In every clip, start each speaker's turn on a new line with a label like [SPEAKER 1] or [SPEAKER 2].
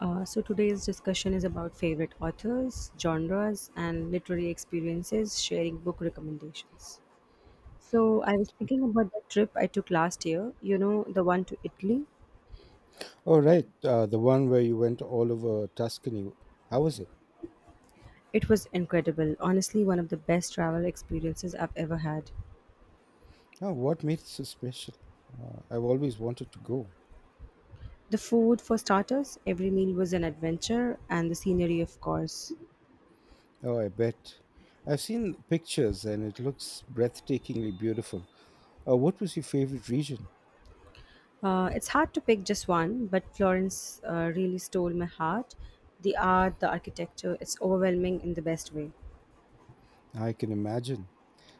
[SPEAKER 1] So today's discussion is about favorite authors, genres, and literary experiences, sharing book recommendations. So I was thinking about the trip I took last year, you know, the one to Italy.
[SPEAKER 2] Oh, right. The one where you went all over Tuscany. How was it?
[SPEAKER 1] It was incredible, honestly, one of the best travel experiences I've ever had.
[SPEAKER 2] Oh, what made it so special? I've always wanted to go.
[SPEAKER 1] The food, for starters, every meal was an adventure, and the scenery, of course.
[SPEAKER 2] Oh, I bet. I've seen pictures and it looks breathtakingly beautiful. What was your favorite region?
[SPEAKER 1] It's hard to pick just one, but Florence really stole my heart. The art, the architecture, it's overwhelming in the best way.
[SPEAKER 2] I can imagine.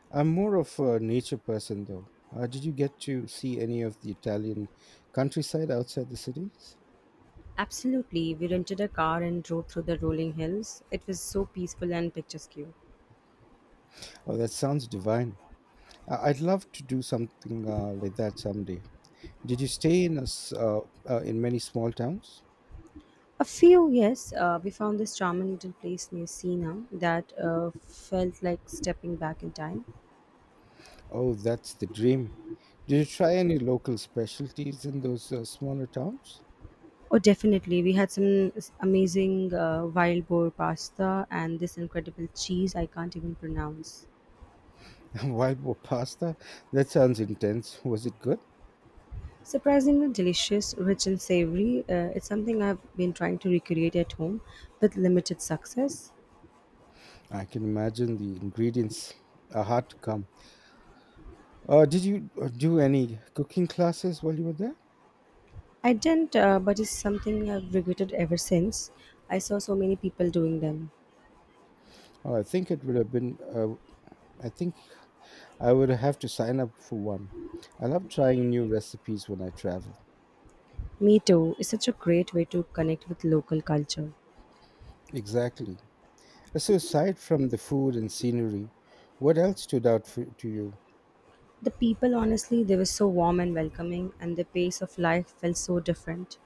[SPEAKER 2] I'm more of a nature person, though. Did you get to see any of the Italian countryside outside the cities?
[SPEAKER 1] Absolutely. We rented a car and drove through the rolling hills. It was so peaceful and picturesque.
[SPEAKER 2] Oh, that sounds divine. I'd love to do something like that someday. Did you stay in a s in many small towns?
[SPEAKER 1] A few, yes. We found this charming little place near Sina that felt like stepping back in time.
[SPEAKER 2] Oh, that's the dream. Did you try any local specialties in those smaller towns?
[SPEAKER 1] Oh, definitely. We had some amazing wild boar pasta and this incredible cheese I can't even pronounce.
[SPEAKER 2] Wild boar pasta? That sounds intense. Was it good?
[SPEAKER 1] Surprisingly delicious, rich and savory. It's something I've been trying to recreate at home with limited success.
[SPEAKER 2] I can imagine the ingredients are hard to come. Did you do any cooking classes while you were there?
[SPEAKER 1] I didn't, but it's something I've regretted ever since. I saw so many people doing them.
[SPEAKER 2] Oh, I think it would have been. I think I would have to sign up for one. I love trying new recipes when I travel.
[SPEAKER 1] Me too is such a great way to connect with local culture.
[SPEAKER 2] Exactly. So, aside from the food and scenery, what else stood out to you?
[SPEAKER 1] The people, honestly, they were so warm and welcoming, and the pace of life felt so different.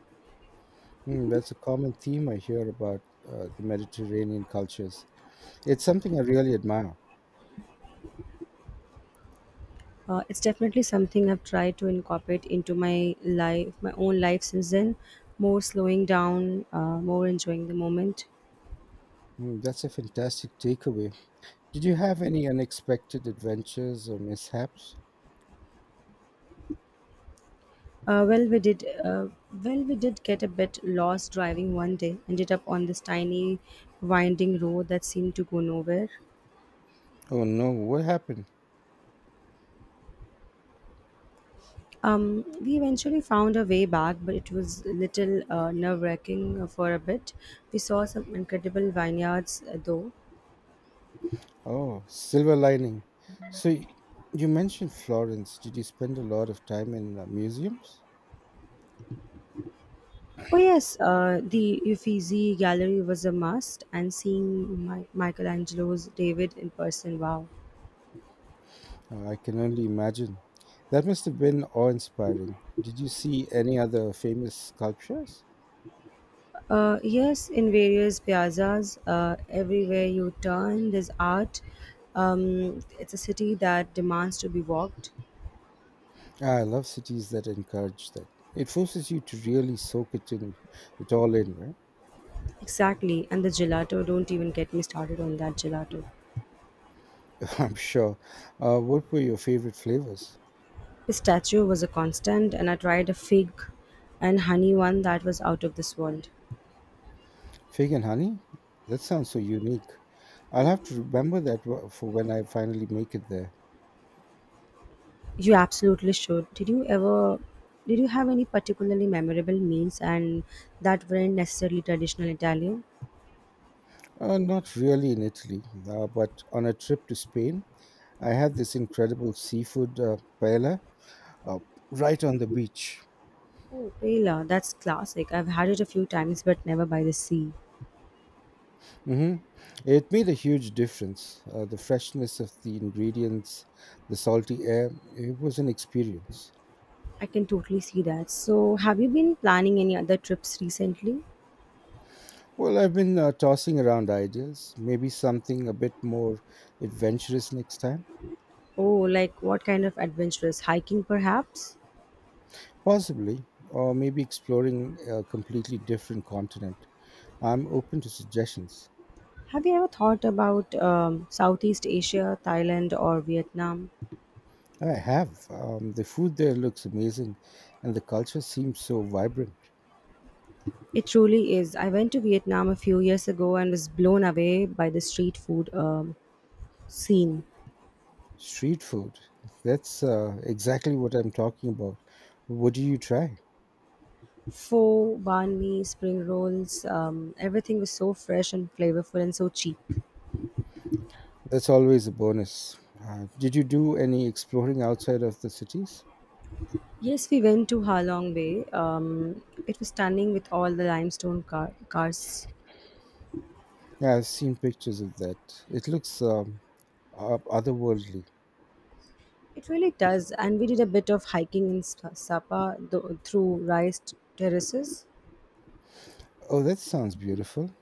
[SPEAKER 2] Hmm, that's a common theme I hear about the Mediterranean cultures. It's something I really admire.
[SPEAKER 1] It's definitely something I've tried to incorporate into my life, my own life since then. More slowing down, more enjoying the moment.
[SPEAKER 2] Hmm, that's a fantastic takeaway. Did you have any unexpected adventures or mishaps?
[SPEAKER 1] Uh, well, we did. Uh, well, we did get a bit lost driving one day. Ended up on this tiny, winding road that seemed to go nowhere.
[SPEAKER 2] Oh no, what happened?
[SPEAKER 1] We eventually found our way back, but it was a little nerve-wracking for a bit. We saw some incredible vineyards, though.
[SPEAKER 2] Oh, silver lining. So y- you mentioned Florence. Did you spend a lot of time in museums?
[SPEAKER 1] Oh yes, the Uffizi Gallery was a must, and seeing Michelangelo's David in person, wow.
[SPEAKER 2] I can only imagine. That must have been awe inspiring. Did you see any other famous sculptures?
[SPEAKER 1] Yes, in various piazzas, everywhere you turn, there's art. It's a city that demands to be walked.
[SPEAKER 2] Ah, I love cities that encourage that. It forces you to really it all in, right?
[SPEAKER 1] Exactly, and the gelato, don't even get me started on that gelato.
[SPEAKER 2] I'm sure. What were your favorite flavors?
[SPEAKER 1] His statue was a constant, and I tried a fig and honey one that was out of this world.
[SPEAKER 2] Fig and honey? That sounds so unique. I'll have to remember that for when I finally make it there.
[SPEAKER 1] You absolutely should. Did you have any particularly memorable meals and that weren't necessarily traditional Italian?
[SPEAKER 2] Not really in Italy, but on a trip to Spain, I had this incredible seafood paella uh, right on the beach.
[SPEAKER 1] Oh, paella, that's classic. I've had it a few times, but never by the sea.
[SPEAKER 2] Hmm, it made a huge difference. The freshness of the ingredients, the salty air, it was an experience.
[SPEAKER 1] I can totally see that. So, have you been planning any other trips recently?
[SPEAKER 2] Well, I've been tossing around ideas. Maybe something a bit more adventurous next time.
[SPEAKER 1] Oh, like what kind of adventures? Hiking, perhaps?
[SPEAKER 2] Possibly. Or maybe exploring a completely different continent. I'm open to suggestions.
[SPEAKER 1] Have you ever thought about Southeast Asia, Thailand, or Vietnam?
[SPEAKER 2] I have. The food there looks amazing, and the culture seems so vibrant.
[SPEAKER 1] It truly is. I went to Vietnam a few years ago and was blown away by the street food scene.
[SPEAKER 2] Street food. That's exactly what I'm talking about. What do you try?
[SPEAKER 1] Pho, banh mi, spring rolls, everything was so fresh and flavorful and so cheap.
[SPEAKER 2] That's always a bonus. Did you do any exploring outside of the cities?
[SPEAKER 1] Yes, we went to Ha Long Bay. It was stunning with all the limestone cars.
[SPEAKER 2] Yeah, I've seen pictures of that. It looks otherworldly.
[SPEAKER 1] It really does, and we did a bit of hiking in Sapa through rice terraces.
[SPEAKER 2] Oh, that sounds beautiful.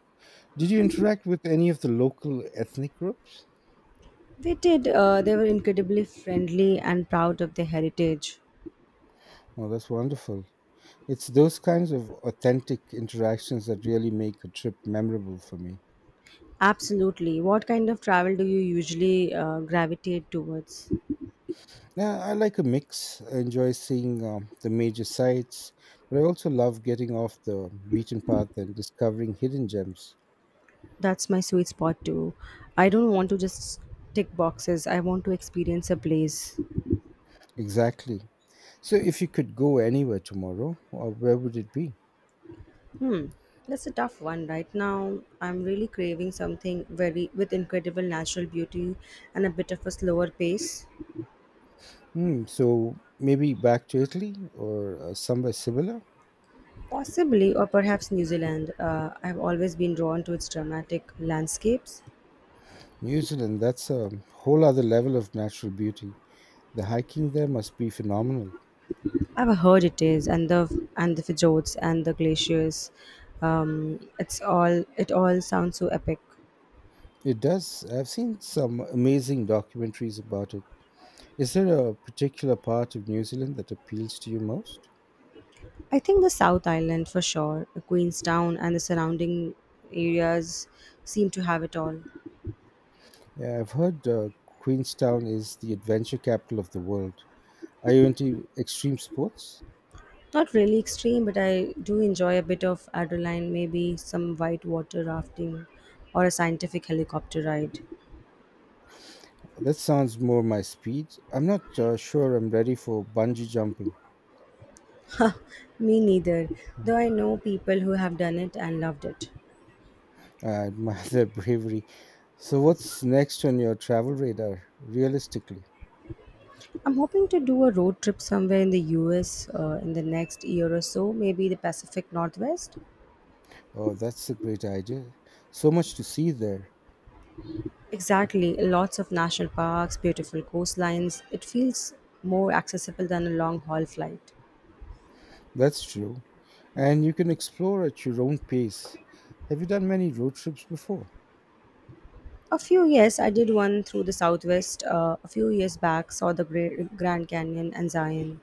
[SPEAKER 2] Did you interact with any of the local ethnic groups?
[SPEAKER 1] They did. They were incredibly friendly and proud of their heritage.
[SPEAKER 2] Oh, that's wonderful. It's those kinds of authentic interactions that really make a trip memorable for me.
[SPEAKER 1] Absolutely. What kind of travel do you usually gravitate towards?
[SPEAKER 2] Yeah, I like a mix. I enjoy seeing the major sites, but I also love getting off the beaten path and discovering hidden gems.
[SPEAKER 1] That's my sweet spot too. I don't want to just tick boxes. I want to experience a place.
[SPEAKER 2] Exactly. So, if you could go anywhere tomorrow, where would it be?
[SPEAKER 1] Hmm. That's a tough one right now. I'm really craving something very with incredible natural beauty and a bit of a slower pace.
[SPEAKER 2] Hmm, so, maybe back to Italy or somewhere similar?
[SPEAKER 1] Possibly, or perhaps New Zealand. I've always been drawn to its dramatic landscapes.
[SPEAKER 2] New Zealand, that's a whole other level of natural beauty. The hiking there must be phenomenal.
[SPEAKER 1] I've heard it is, and the fjords and the glaciers. It all sounds so epic.
[SPEAKER 2] It does. I've seen some amazing documentaries about it. Is there a particular part of New Zealand that appeals to you most?
[SPEAKER 1] I think the South Island for sure, Queenstown and the surrounding areas seem to have it all.
[SPEAKER 2] Yeah, I've heard Queenstown is the adventure capital of the world. Are you into extreme sports?
[SPEAKER 1] Not really extreme, but I do enjoy a bit of adrenaline, maybe some white water rafting or a scientific helicopter ride.
[SPEAKER 2] That sounds more my speed. I'm not sure I'm ready for bungee jumping.
[SPEAKER 1] Huh, Me neither, though I know people who have done it and loved it.
[SPEAKER 2] I admire their bravery. So, what's next on your travel radar, realistically?
[SPEAKER 1] I'm hoping to do a road trip somewhere in the US in the next year or so, maybe the Pacific Northwest.
[SPEAKER 2] Oh, that's a great idea. So much to see there.
[SPEAKER 1] Exactly, lots of national parks, beautiful coastlines. It feels more accessible than a long haul flight.
[SPEAKER 2] That's true. And you can explore at your own pace. Have you done many road trips before?
[SPEAKER 1] A few years, I did one through the Southwest a few years back, saw the Grand Canyon and Zion.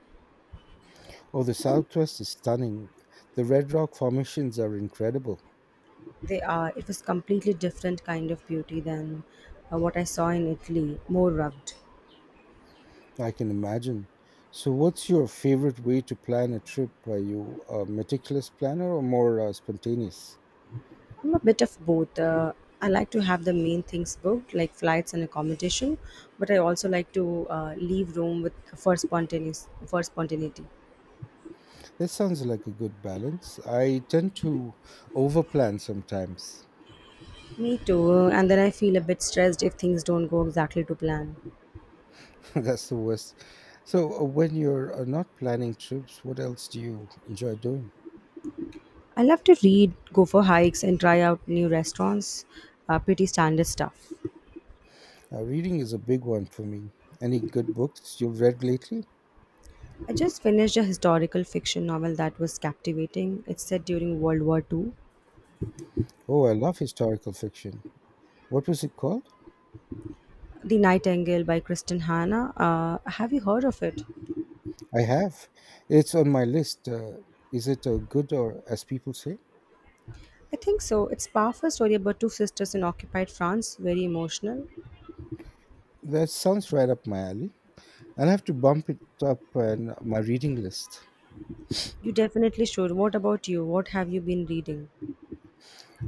[SPEAKER 2] Oh, the Southwest is stunning. The Red Rock formations are incredible.
[SPEAKER 1] They are, it was completely different kind of beauty than what I saw in Italy, more rugged.
[SPEAKER 2] I can imagine. So, what's your favorite way to plan a trip? Are you a meticulous planner or more spontaneous?
[SPEAKER 1] I'm a bit of both. I like to have the main things booked, like flights and accommodation, but I also like to leave room with for spontaneous for spontaneity.
[SPEAKER 2] That sounds like a good balance. I tend to overplan sometimes.
[SPEAKER 1] Me too. And then I feel a bit stressed if things don't go exactly to plan.
[SPEAKER 2] That's the worst. So, when you're not planning trips, what else do you enjoy doing?
[SPEAKER 1] I love to read, go for hikes, and try out new restaurants. Pretty standard stuff.
[SPEAKER 2] Reading is a big one for me. Any good books you've read lately?
[SPEAKER 1] I just finished a historical fiction novel that was captivating. It's set during World War II.
[SPEAKER 2] Oh, I love historical fiction. What was it called?
[SPEAKER 1] The Nightingale by Kristen Hanna. Have you heard of it?
[SPEAKER 2] I have. It's on my list. Is it good or as people say?
[SPEAKER 1] I think so. It's powerful story about two sisters in occupied France. Very emotional.
[SPEAKER 2] That sounds right up my alley. I'll have to bump it up on my reading list.
[SPEAKER 1] You definitely should. What about you? What have you been reading?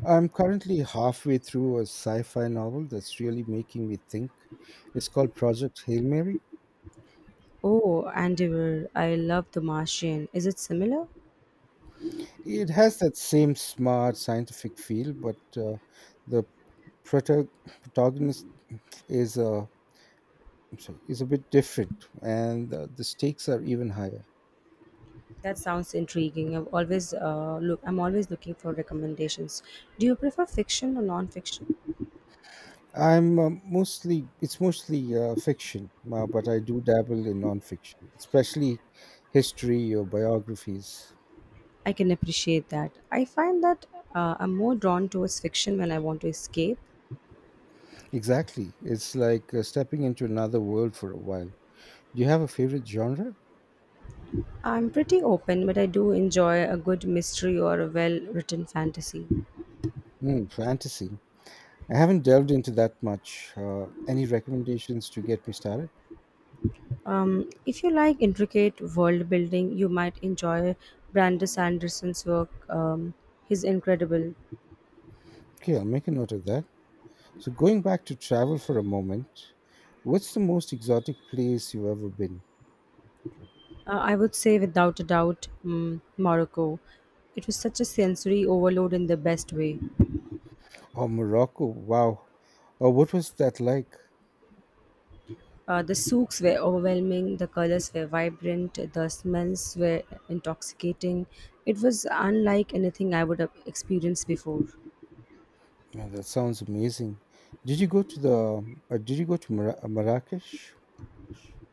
[SPEAKER 2] I'm currently halfway through a sci fi novel that's really making me think. It's called Project Hail Mary.
[SPEAKER 1] Oh, Andiver. I love The Martian. Is it similar?
[SPEAKER 2] It has that same smart scientific feel, but the prota- protagonist is a I'm sorry, is a bit different, and the stakes are even higher.
[SPEAKER 1] That sounds intriguing. I'm always looking for recommendations. Do you prefer fiction or non-fiction?
[SPEAKER 2] I'm mostly it's mostly fiction, but I do dabble in nonfiction, especially history or biographies.
[SPEAKER 1] I can appreciate that. I find that I'm more drawn towards fiction when I want to escape.
[SPEAKER 2] Exactly, it's like stepping into another world for a while. Do you have a favorite genre?
[SPEAKER 1] I'm pretty open, but I do enjoy a good mystery or a well-written fantasy.
[SPEAKER 2] Hmm, fantasy. I haven't delved into that much. Any recommendations to get me started?
[SPEAKER 1] If you like intricate world building, you might enjoy Brandis Anderson's work. He's incredible.
[SPEAKER 2] Okay, I'll make a note of that. So, going back to travel for a moment, what's the most exotic place you've ever been?
[SPEAKER 1] I would say, without a doubt, Morocco. It was such a sensory overload in the best way.
[SPEAKER 2] Oh, Morocco! Wow. Oh, what was that like?
[SPEAKER 1] The souks were overwhelming, the colors were vibrant, the smells were intoxicating. It was unlike anything I would have experienced before.
[SPEAKER 2] Yeah, that sounds amazing. Did you go to the? Did you go to Marrakesh?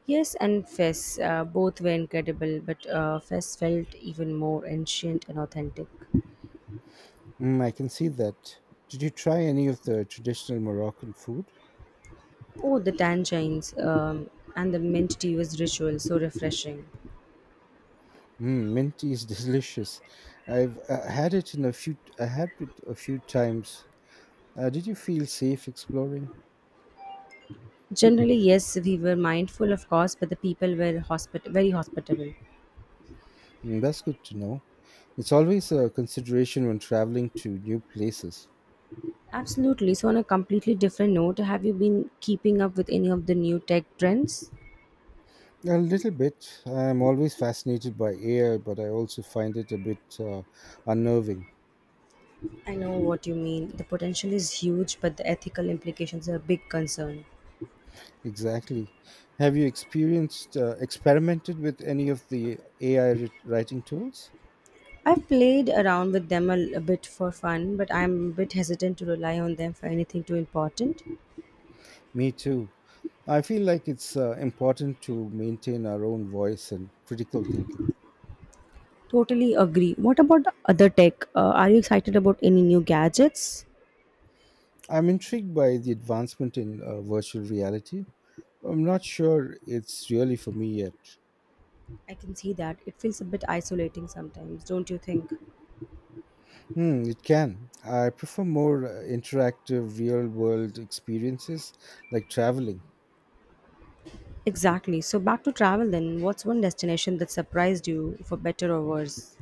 [SPEAKER 1] Yes, and Fes, both were incredible, but Fes felt even more ancient and authentic.
[SPEAKER 2] Mm, I can see that. Did you try any of the traditional Moroccan food?
[SPEAKER 1] Oh, the tangines and the mint tea was ritual, so refreshing.
[SPEAKER 2] Mm, mint tea is delicious. I've had it in a few. I had it a few times. Did you feel safe exploring?
[SPEAKER 1] Generally, yes, we were mindful, of course, but the people were very hospitable.
[SPEAKER 2] Mm, that's good to know. It's always a consideration when traveling to new places.
[SPEAKER 1] Absolutely. So, on a completely different note, have you been keeping up with any of the new tech trends?
[SPEAKER 2] A little bit. I'm always fascinated by air, but I also find it a bit unnerving.
[SPEAKER 1] I know what you mean. The potential is huge, but the ethical implications are a big concern.
[SPEAKER 2] Exactly. Have you experimented with any of the AI writing tools?
[SPEAKER 1] I've played around with them a bit for fun, but I'm a bit hesitant to rely on them for anything too important.
[SPEAKER 2] Me too. I feel like it's important to maintain our own voice and critical thinking.
[SPEAKER 1] Totally agree. What about the other tech? Are you excited about any new gadgets?
[SPEAKER 2] I'm intrigued by the advancement in virtual reality. I'm not sure it's really for me yet.
[SPEAKER 1] I can see that. It feels a bit isolating sometimes, don't you think?
[SPEAKER 2] Hmm, it can. I prefer more interactive real world experiences like traveling.
[SPEAKER 1] Exactly. So, back to travel then. What's one destination that surprised you, for better or worse?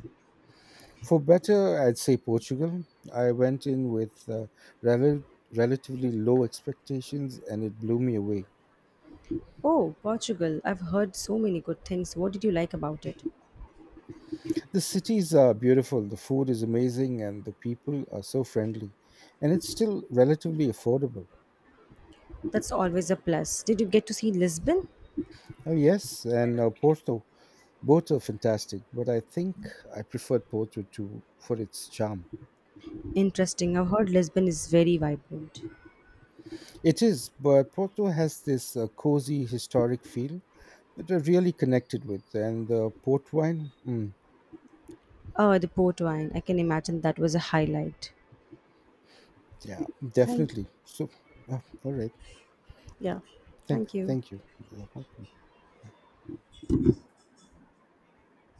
[SPEAKER 2] For better, I'd say Portugal. I went in with rel- relatively low expectations and it blew me away.
[SPEAKER 1] Oh, Portugal. I've heard so many good things. What did you like about it?
[SPEAKER 2] The cities are beautiful, the food is amazing, and the people are so friendly. And it's still relatively affordable.
[SPEAKER 1] That's always a plus. Did you get to see Lisbon?
[SPEAKER 2] Yes, and Porto. Both are fantastic, but I think I preferred Porto to for its charm.
[SPEAKER 1] Interesting. I've heard Lisbon is very vibrant.
[SPEAKER 2] It is, but Porto has this cozy historic feel that I really connected with, and the port wine. Mm,
[SPEAKER 1] Oh, the port wine. I can imagine that was a highlight.
[SPEAKER 2] yeah,
[SPEAKER 1] Thank,
[SPEAKER 2] definitely. So, yeah, all right.
[SPEAKER 1] yeah. Thank you.
[SPEAKER 2] Thank you. You're welcome.